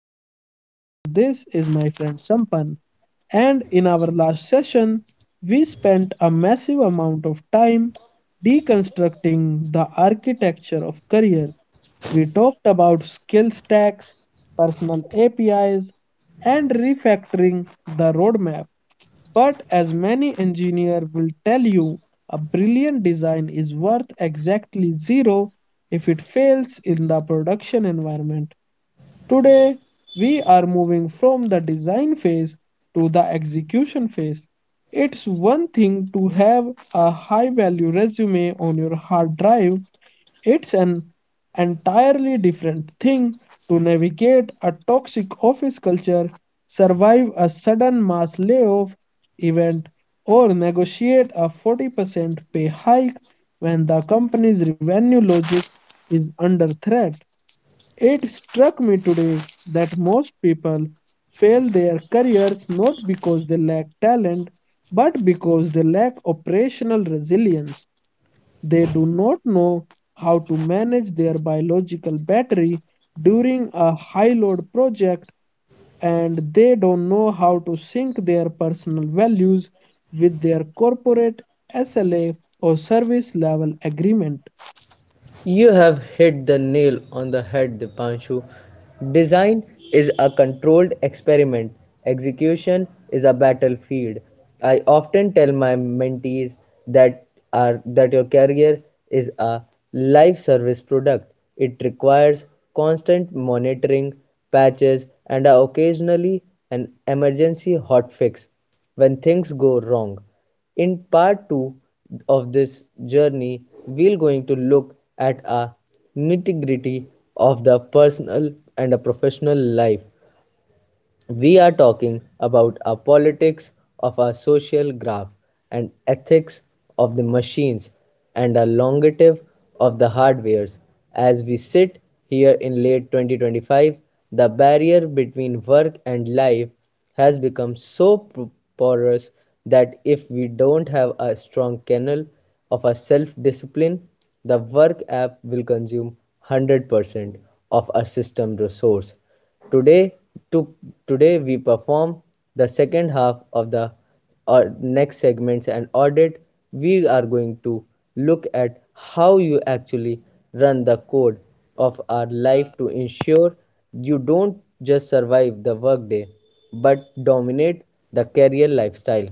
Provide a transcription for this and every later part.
is Dipanshu, and this is my friend Sampan. And in our last session, we spent a massive amount of time deconstructing the architecture of career. We talked about skill stacks, personal APIs, and refactoring the roadmap. But as many engineers will tell you, a brilliant design is worth exactly zero if it fails in the production environment. Today, we are moving from the design phase to the execution phase. It's one thing to have a high value resume on your hard drive, it's an entirely different thing to navigate a toxic office culture, survive a sudden mass layoff event, or negotiate a 40% pay hike when the company's revenue logic is under threat. It struck me today that most people fail their careers not because they lack talent, but because they lack operational resilience. They do not know how to manage their biological battery during a high load project, and they don't know how to sync their personal values with their corporate SLA or service level agreement. You have hit the nail on the head, Dipanshu. Design is a controlled experiment, execution is a battlefield. I often tell my mentees that that your career is a life service product. It requires constant monitoring, patches, and occasionally an emergency hot fix when things go wrong. In part 2 of this journey, we're going to look at a nitty-gritty of the personal and a professional life. We are talking about our politics of our social graph and ethics of the machines and our longative of the hardwares. As we sit here in late 2025, the barrier between work and life has become so porous that if we don't have a strong kernel of a self discipline, the work app will consume 100% of our system resource. Today to today we perform the second half of the next segments and audit. We are going to look at how you actually run the code of our life to ensure you don't just survive the workday but dominate the career lifestyle.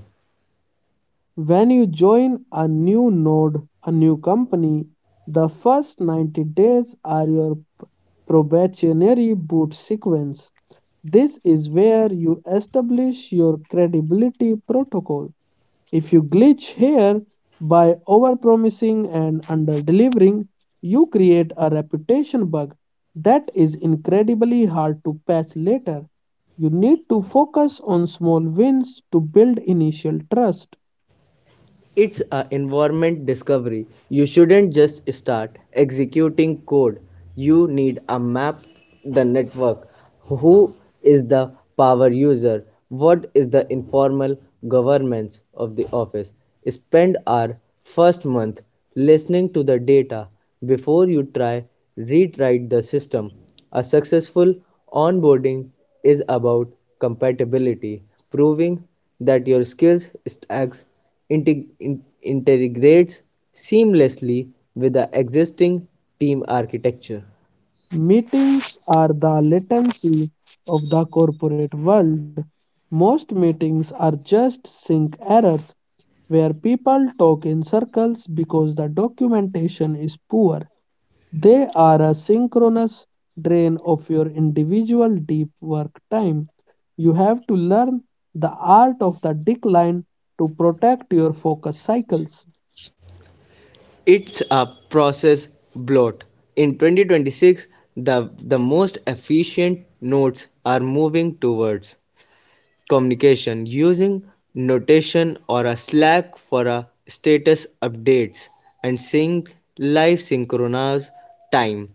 When you join a new node, a new company, the first 90 days are your probationary boot sequence. This is where you establish your credibility protocol. If you glitch here by overpromising and underdelivering, you create a reputation bug that is incredibly hard to patch later. You need to focus on small wins to build initial trust. It's a environment discovery. You shouldn't just start executing code. You need a map, the network, who is the power user, what is the informal governance of the office. Spend our first month listening to the data before you try rewrite the system. A successful onboarding is about compatibility, proving that your skills stacks integrates seamlessly with the existing team architecture. Meetings are the latency of the corporate world. Most meetings are just sync errors where people talk in circles because the documentation is poor. They are a synchronous drain of your individual deep work time. You have to learn the art of the decline to protect your focus cycles. It's a process bloat. In 2026, the most efficient nodes are moving towards communication using notation or a Slack for a status updates and sync live synchronous time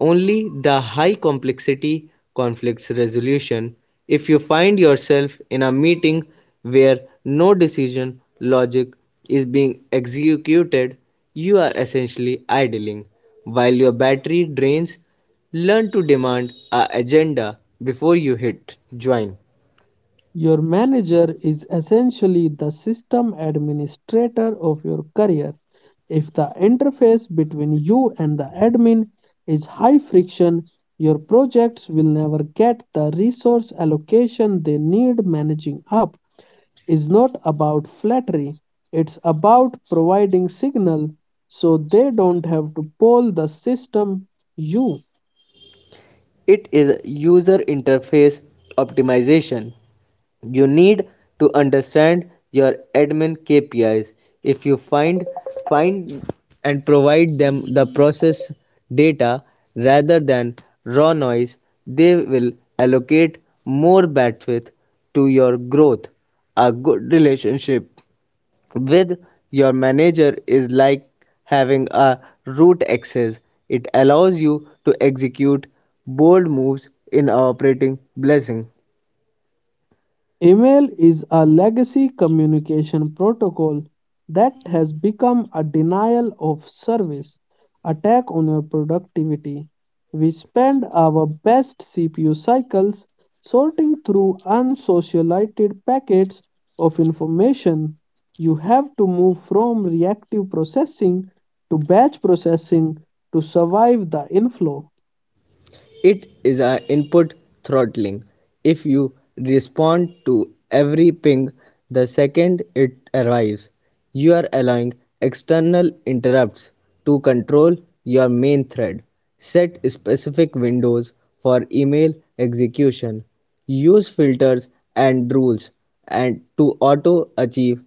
only the high complexity conflicts resolution. If you find yourself in a meeting where no decision logic is being executed, you are essentially idling while your battery drains. Learn to demand a agenda before you hit join. Your manager is essentially the system administrator of your career. If the interface between you and the admin is high friction, your projects will never get the resource allocation they need. Managing up is not about flattery, it's about providing signal so they don't have to poll the system you. It is user interface optimization. You need to understand your admin KPIs. If you find and provide them the process data rather than raw noise, they will allocate more bandwidth to your growth. A good relationship with your manager is like having a root access. It allows you to execute bold moves in operating blessing. Email is a legacy communication protocol that has become a denial of service attack on your productivity. We spend our best CPU cycles sorting through unsocialized packets of information. You have to move from reactive processing to batch processing to survive the inflow. It is a input throttling. If you respond to every ping the second it arrives, you are allowing external interrupts to control your main thread. Set specific windows for email execution. Use filters and rules and to auto achieve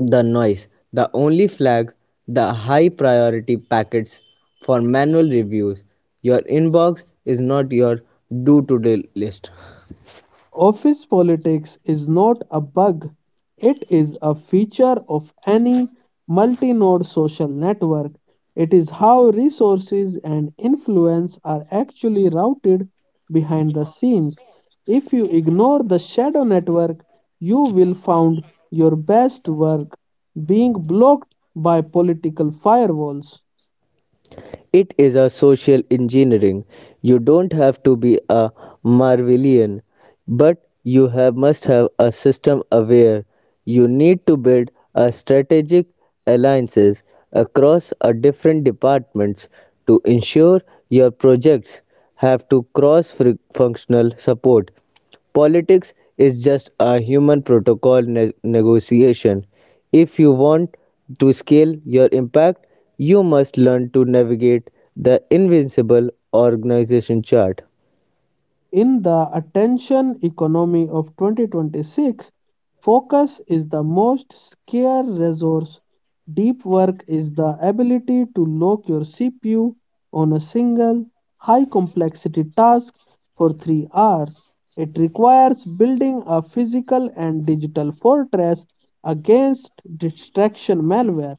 the noise. The only flag the high priority packets for manual reviews. Your inbox is not your do to do list. Office politics is not a bug, it is a feature of any multi node social network. It is how resources and influence are actually routed behind the scenes. If you ignore the shadow network, you will find your best work being blocked by political firewalls. It is a social engineering. You don't have to be a Marvelian, but you have must have a system aware. You need to build a strategic alliances across a different departments to ensure your projects have to cross functional support. Politics is just a human protocol negotiation. If you want to scale your impact, you must learn to navigate the invincible organization chart. In the attention economy of 2026, focus is the most scarce resource. Deep work is the ability to lock your CPU on a single high complexity task for 3 hours. It requires building a physical and digital fortress against distraction malware.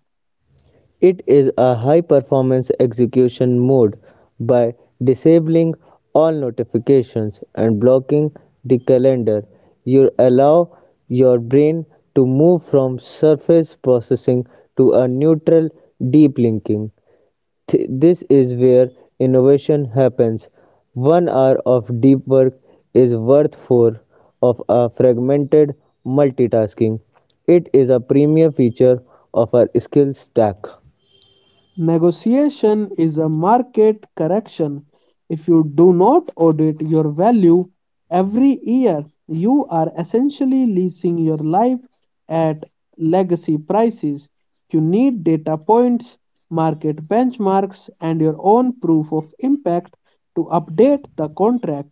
It is a high performance execution mode by disabling all notifications and blocking the calendar. You allow your brain to move from surface processing to a neutral deep linking. This is where innovation happens. 1 hour of deep work is worth four of a fragmented multitasking. It is a premier feature of our skill stack. Negotiation is a market correction. If you do not audit your value every year, you are essentially leasing your life at legacy prices. You need data points, market benchmarks, and your own proof of impact to update the contract.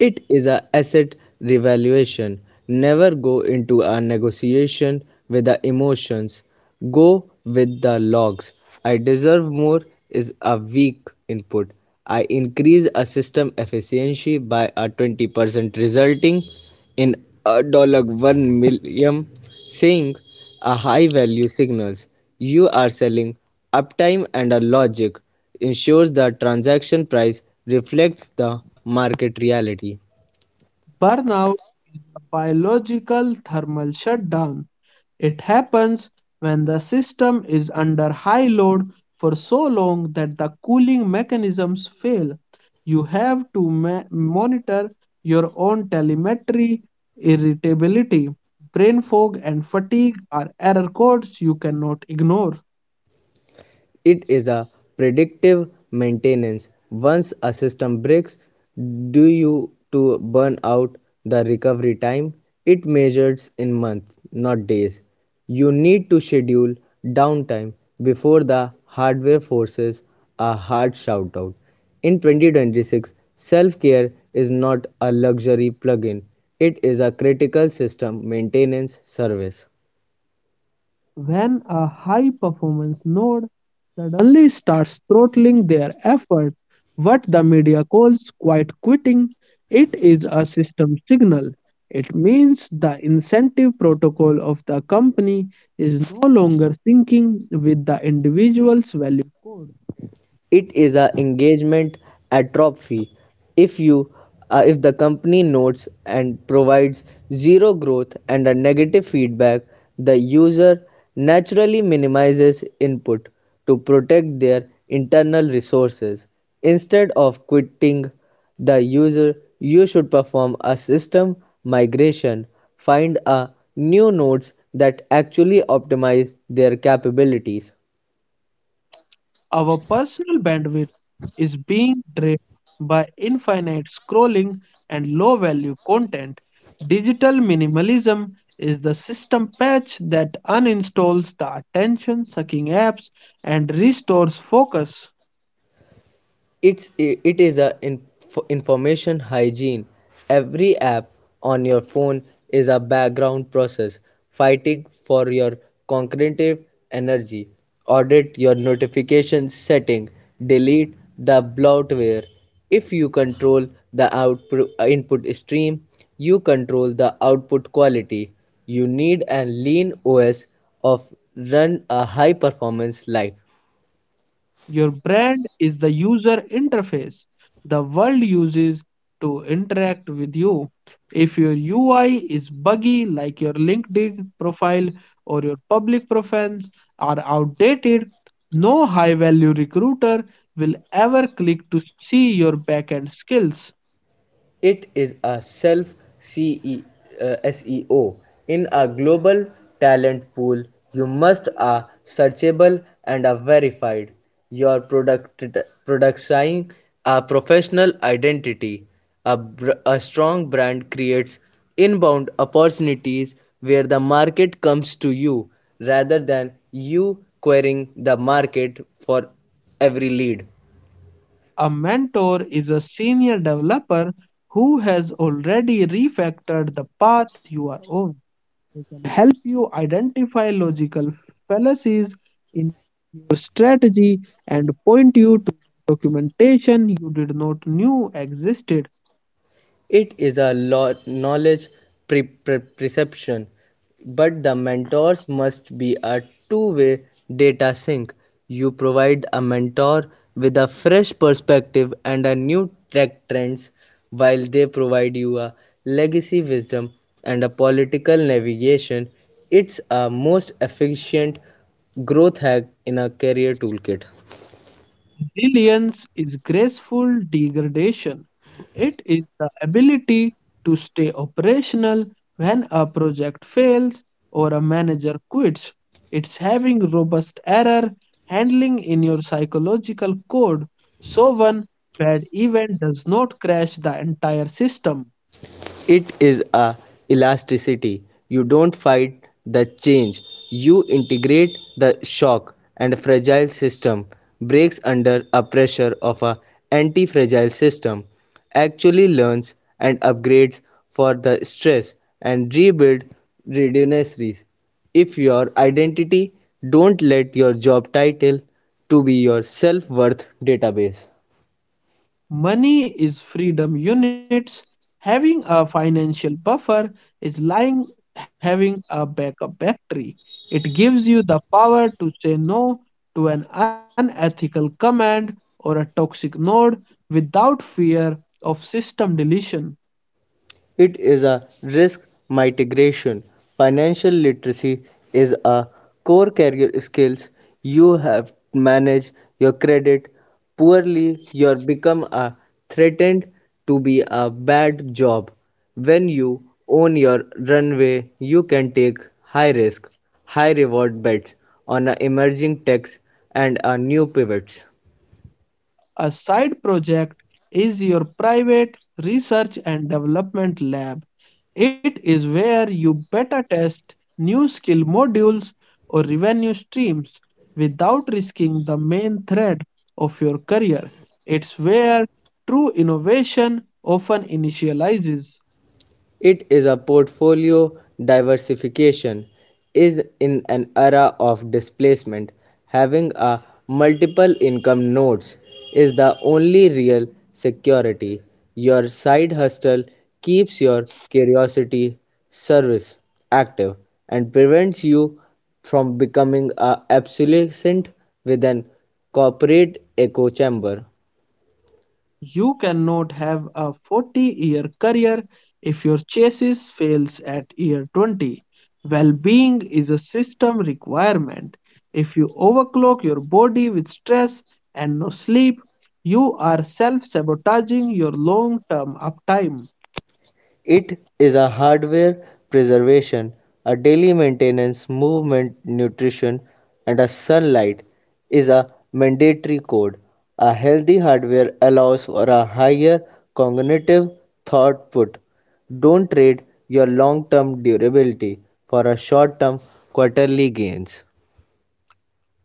It is a asset revaluation. Never go into a negotiation with the emotions. Go with the logs. I deserve more is a weak input. I increase a system efficiency by a 20% resulting in a dollar 1 million saying a high value signals you are selling, uptime and a logic ensures the transaction price reflects the market reality. Burnout is a biological thermal shutdown. It happens when the system is under high load for so long that the cooling mechanisms fail. You have to monitor your own telemetry. Irritability, brain fog, and fatigue are error codes you cannot ignore. It is a predictive maintenance. Once a system breaks due to burn out, the recovery time it measures in months, not days. You need to schedule downtime before the hardware forces a hard shoutout. In 2026, self care is not a luxury plugin, it is a critical system maintenance service. When a high performance node suddenly starts throttling their effort, what the media calls quiet quitting, it is a system signal. It means the incentive protocol of the company is no longer syncing with the individual's value code. It is a engagement atrophy. If you uh, if the company notes and provides zero growth and a negative feedback, the user naturally minimizes input to protect their internal resources. Instead of quitting the user, you should perform a system migration. Find a new nodes that actually optimize their capabilities. Our personal bandwidth is being drained by infinite scrolling and low value content. Digital minimalism is the system patch that uninstalls the attention sucking apps and restores focus. It is a information hygiene. Every app on your phone is a background process fighting for your cognitive energy. Audit your notification setting. Delete the bloatware. If you control the output input stream, you control the output quality. You need a lean OS of run a high performance life. Your brand is the user interface the world uses to interact with you. If your UI is buggy, like your LinkedIn profile or your public profiles are outdated, no high value recruiter will ever click to see your backend skills. It is a self SEO. In a global talent pool, you must are searchable and are verified. Your productizing a professional identity. A, a strong brand creates inbound opportunities where the market comes to you rather than you querying the market for every lead. A mentor is a senior developer who has already refactored the path you are on. Help you identify logical fallacies in your strategy and point you to documentation you did not knew existed. It is a knowledge perception. But the mentors must be a two-way data sync. You provide a mentor with a fresh perspective and a new tech trends while they provide you a legacy wisdom and a political navigation. It's a most efficient growth hack in a career toolkit. Resilience is graceful degradation. It is the ability to stay operational when a project fails or a manager quits. It's having robust error handling in your psychological code so one bad event does not crash the entire system. It is a elasticity. You don't fight the change, you integrate the shock. And fragile system breaks under a pressure of a anti-fragile system actually learns and upgrades for the stress and rebuild redundancies. If your identity, don't let your job title to be your self-worth database. Money is freedom units. Having a financial buffer is lying having a backup battery. It gives you the power to say no to an unethical command or a toxic node without fear of system deletion. It is a risk mitigation. Financial literacy is a core career skills. You have manage your credit poorly, you become a threatened to be a bad job. When you own your runway, you can take high risk, high reward bets on a emerging techs and a new pivots. A side project is your private research and development lab. It is where you better test new skill modules or revenue streams without risking the main thread of your career. It's where true innovation often initializes. It is a portfolio diversification is in an era of displacement. Having a multiple income nodes is the only real security. Your side hustle keeps your curiosity service active and prevents you from becoming a obsolescent with an corporate echo chamber. You cannot have a 40-year year career if your chassis fails at year 20. Well being is a system requirement. If you overclock your body with stress and no sleep, you are self sabotaging your long term uptime. It is a hardware preservation, a daily maintenance, movement, nutrition, and a sunlight is a mandatory code. A healthy hardware allows for a higher cognitive throughput. Don't trade your long term durability for a short term quarterly gains.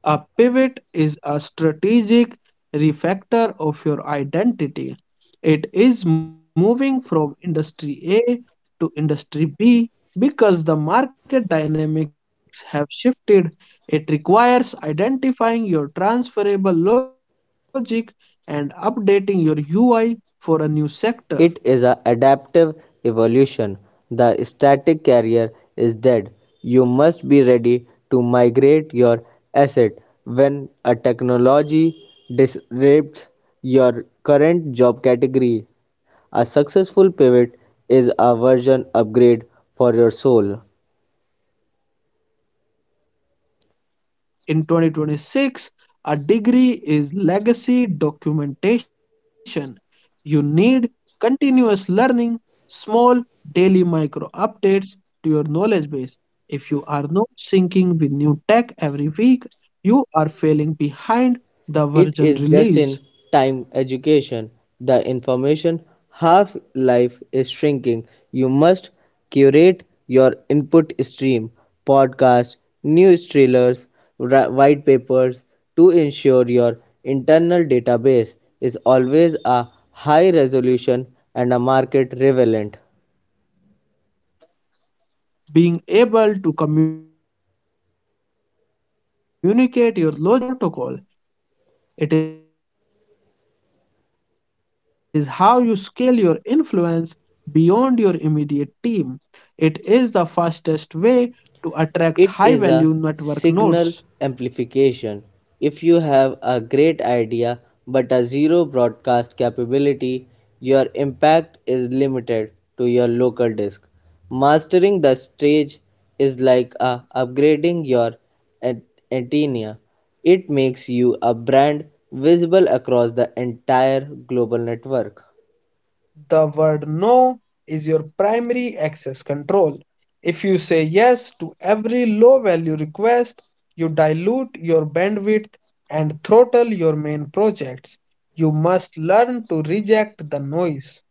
A pivot is a strategic refactor of your identity. It is moving from industry A to industry B because the market dynamics have shifted. It requires identifying your transferable logic and updating your UI for a new sector. It is a adaptive evolution: the static carrier is dead; you must be ready to migrate your asset when a technology disrupts your current job category. A successful pivot is a version upgrade for your soul. In 2026, a degree is legacy documentation. You need continuous learning, small daily micro updates to your knowledge base. If you are not syncing with new tech every week, you are falling behind the version release. It is just-in-time education; the information half-life is shrinking. You must curate your input stream podcasts, news trailers, white papers to ensure your internal database is always a high resolution and a market relevant. Being able to communicate your logic to a crowd is high bandwidth broadcast protocol. It is how you scale your influence beyond your immediate team. It is the fastest way to attract high value network nodes. It is a signal amplification. If you have a great idea but a zero broadcast capability, your impact is limited to your local disc. Mastering the stage is like upgrading your an- antenna. It makes you a brand visible across the entire global network. The word no is your primary access control. If you say yes to every low value request, you dilute your bandwidth and throttle your main projects. You must learn to reject the noise.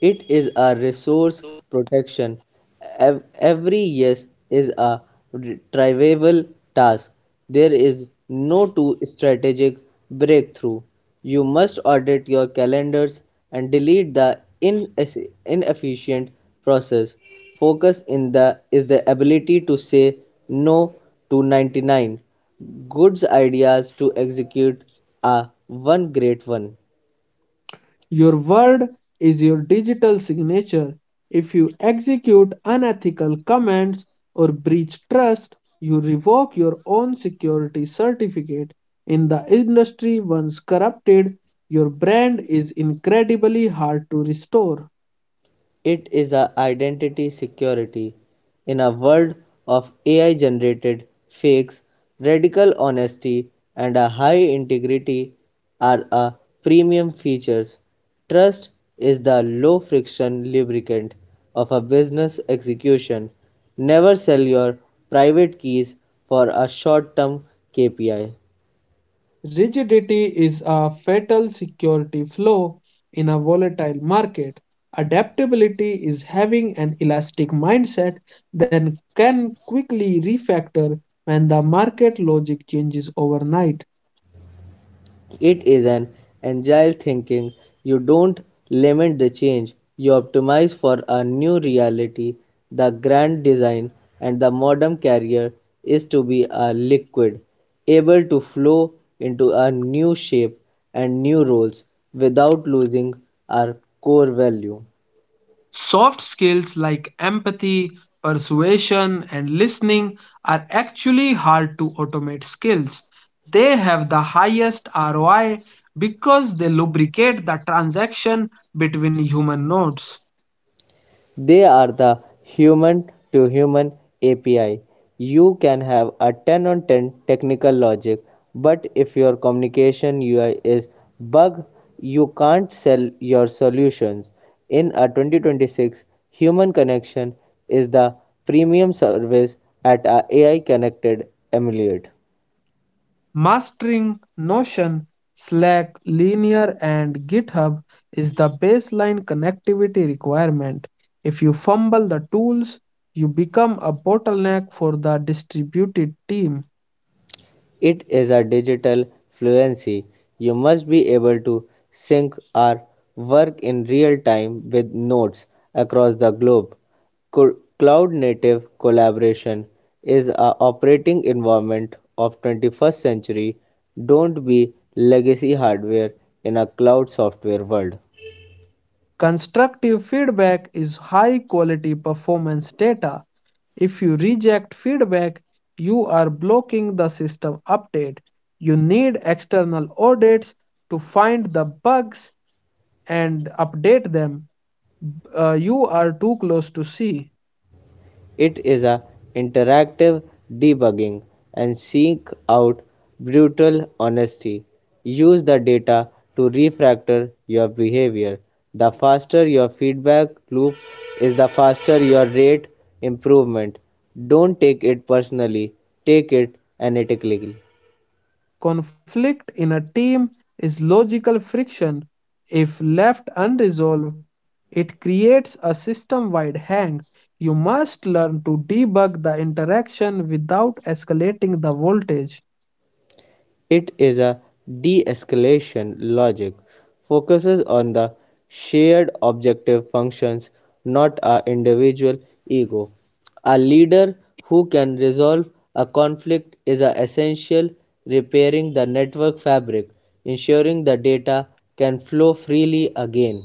It is a resource protection. Every yes is a retrievable task. There is no too strategic breakthrough. You must audit your calendars and delete the inefficient process. Focus in the is the ability to say no to 99 goods ideas to execute a one great one. Your word is your digital signature. If you execute unethical commands or breach trust, you revoke your own security certificate. In the industry once corrupted, your brand is incredibly hard to restore. It is a identity security. In a world of AI generated fakes, radical honesty and a high integrity are a premium features. Trust is the low friction lubricant of a business execution. Never sell your private keys for a short term KPI. Rigidity is a fatal security flaw in a volatile market. Adaptability is having an elastic mindset that can quickly refactor when the market logic changes overnight. It is an agile thinking. You don't lament the change, you optimize for a new reality. The grand design and the modern career is to be a liquid, able to flow into a new shape and new roles without losing our core value. Soft skills like empathy, persuasion, and listening are actually hard to automate skills. They have the highest ROI because they lubricate the transaction between human nodes. They are the human to human API. You can have a 10 on 10 technical logic, but if your communication UI is bug, you can't sell your solutions. In a 2026, human connection is the premium service at a AI connected emulate. Mastering Notion, Slack, Linear, and GitHub is the baseline connectivity requirement. If you fumble the tools, you become a bottleneck for the distributed team. It is a digital fluency. You must be able to sync or work in real time with nodes across the globe. Cloud native collaboration is a operating environment of 21st century. Don't be legacy hardware in a cloud software world. Constructive feedback is high quality performance data. If you reject feedback, you are blocking the system update. You need external audits to find the bugs and update them. You are too close to see. It is a interactive debugging and seek out brutal honesty. Use the data to refactor your behavior. The faster your feedback loop is, the faster your rate improvement. Don't take it personally, take it analytically. Conflict in a team is logical friction. If left unresolved, it creates a system wide hang. You must learn to debug the interaction without escalating the voltage. It is a de-escalation logic focuses on the shared objective functions, not our individual ego. A leader who can resolve a conflict is essential repairing the network fabric, ensuring the data can flow freely again.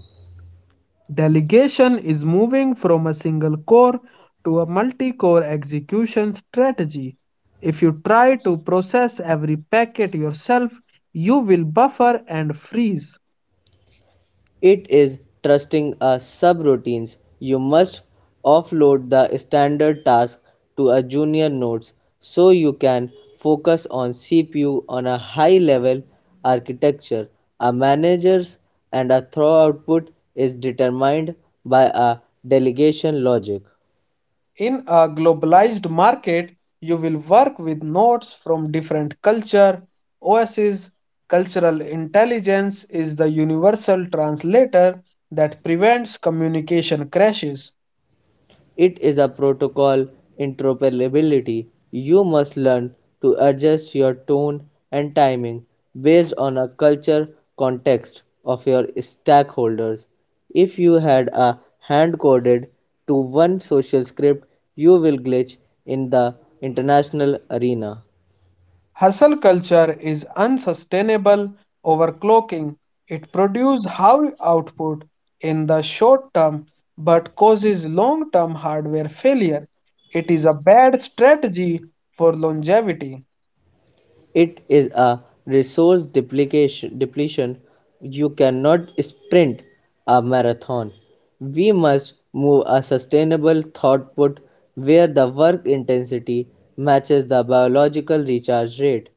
Delegation is moving from a single core to a multi core execution strategy. If you try to process every packet yourself, you will buffer and freeze. It is trusting a subroutines. You must offload the standard task to a junior nodes so you can focus on CPU on a high level architecture. A manager's and a throw output is determined by a delegation logic. In a globalized market, you will work with nodes from different culture, OSs, cultural intelligence is the universal translator that prevents communication crashes. It is a protocol interoperability. You must learn to adjust your tone and timing based on a culture context of your stakeholders. If you had a hand coded to one social script, you will glitch in the international arena. Hustle culture is unsustainable overclocking. It produces high output in the short term but causes long term hardware failure. It is a bad strategy for longevity. It is a resource duplication depletion. You cannot sprint a marathon. We must move a sustainable throughput where the work intensity matches the biological recharge rate.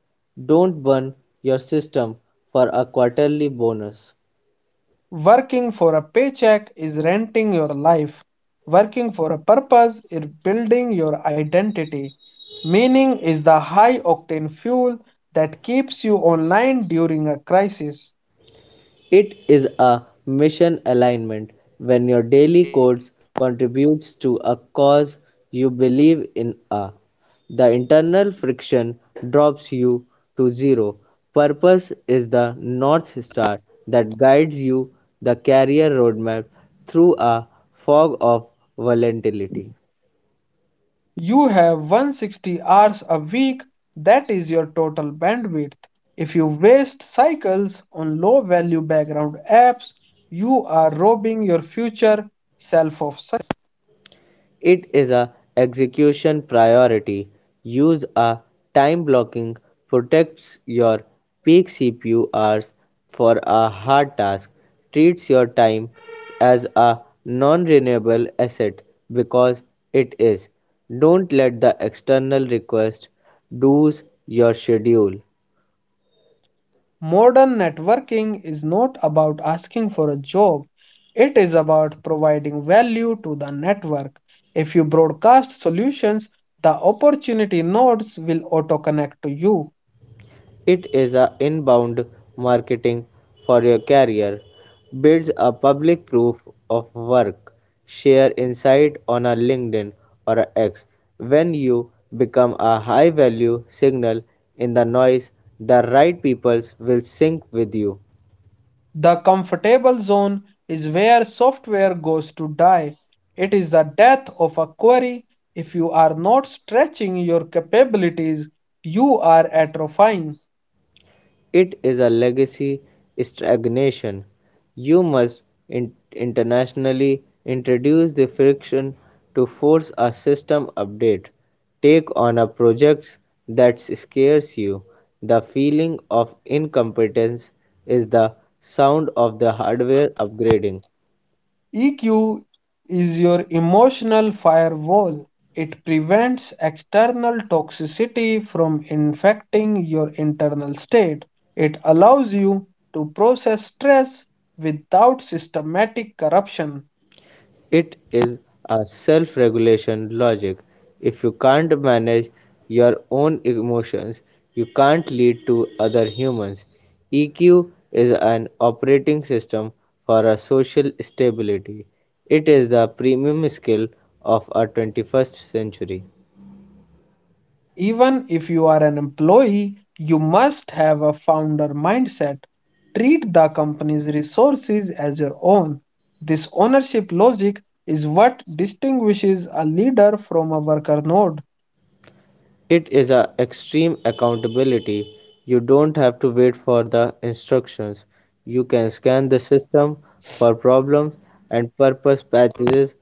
Don't burn your system for a quarterly bonus. Working for a paycheck is renting your life. Working for a purpose is building your identity. Meaning is the high octane fuel that keeps you online during a crisis. It is a mission alignment when your daily codes contributes to a cause you believe in a the internal friction drops you to zero. Purpose is the north star that guides you the career roadmap through a fog of volatility. You have 160 hours a week, that is your total bandwidth. If you waste cycles on low value background apps, you are robbing your future self of. It is a execution priority. Use a time blocking protects your peak CPU hours for a hard task. Treats your time as a non-renewable asset because it is. Don't let the external request do's your schedule. Modern networking is not about asking for a job, it is about providing value to the network. If you broadcast solutions, the opportunity nodes will auto connect to you. It is a inbound marketing for your career, builds a public proof of work, share insight on a LinkedIn or a X. When you become a high value signal in the noise, the right people will sync with you. The comfortable zone is where software goes to die. It is the death of a query. If you are not stretching your capabilities, you are atrophying. It is a legacy stagnation. You must internationally introduce the friction to force a system update. Take on a project that scares you. The feeling of incompetence is the sound of the hardware upgrading. EQ is your emotional firewall. It prevents external toxicity from infecting your internal state. It allows you to process stress without systematic corruption. It is a self-regulation logic. If you can't manage your own emotions, you can't lead to other humans. EQ is an operating system for a social stability. It is the premium skill of our 21st century. Even if you are an employee, you must have a founder mindset. Treat the company's resources as your own. This ownership logic is what distinguishes a leader from a worker node. It is a extreme accountability. You don't have to wait for the instructions. You can scan the system for problems and purpose patches.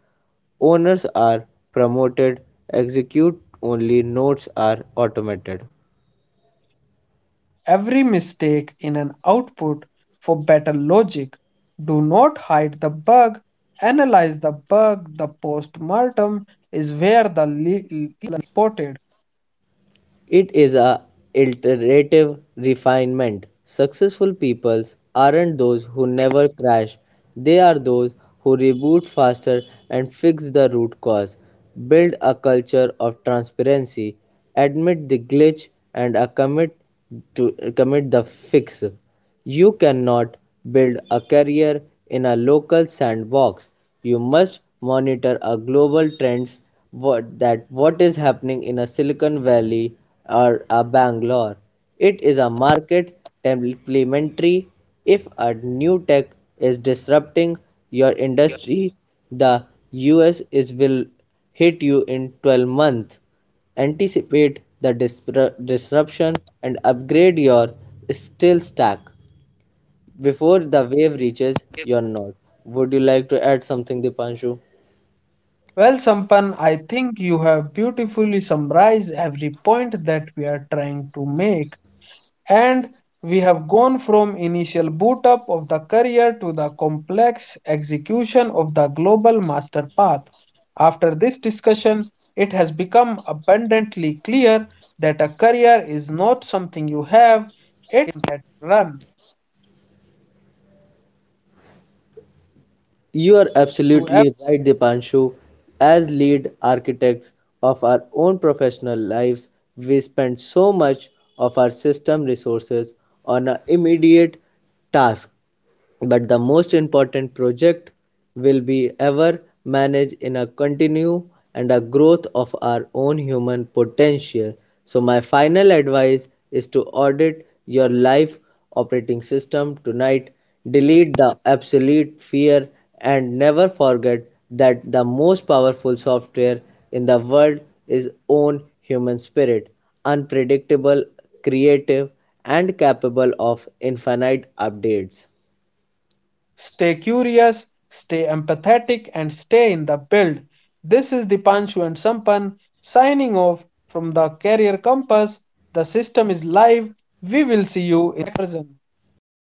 Owners are promoted, execute only notes are automated. Every mistake in an output for better logic. Do not hide the bug, analyze the bug. The post mortem is where the reported. It is a iterative refinement. Successful people aren't those who never crash. They are those who reboot faster and fix the root cause, build a culture of transparency, admit the glitch and a commit to commit the fix. You cannot build a career in a local sandbox. You must monitor a global trends what is happening in a Silicon Valley or a Bangalore. It is a market complementary. If a new tech is disrupting your industry, the US is will hit you in 12 months. Anticipate the disruption and upgrade your skill stack before the wave reaches your note. Would you like to add something, Dipanshu? Well, Sampan, I think you have beautifully summarized every point that we are trying to make, and we have gone from initial boot up of the career to the complex execution of the global master path. After this discussion, it has become abundantly clear that a career is not something you have, it run You are to absolutely ev- right, Dipanshu. As lead architects of our own professional lives, we spend so much of our system resources on an immediate task, but the most important project will be ever managed in a continue and a growth of our own human potential. So my final advice is to audit your life operating system tonight, delete the absolute fear, and never forget that the most powerful software in the world is own human spirit, unpredictable, creative, and capable of infinite updates. stay curious, stay empathetic, and stay in the build. This is Dipanshu and Sampan signing off from the Career Compass. The system is live. We will see you in person.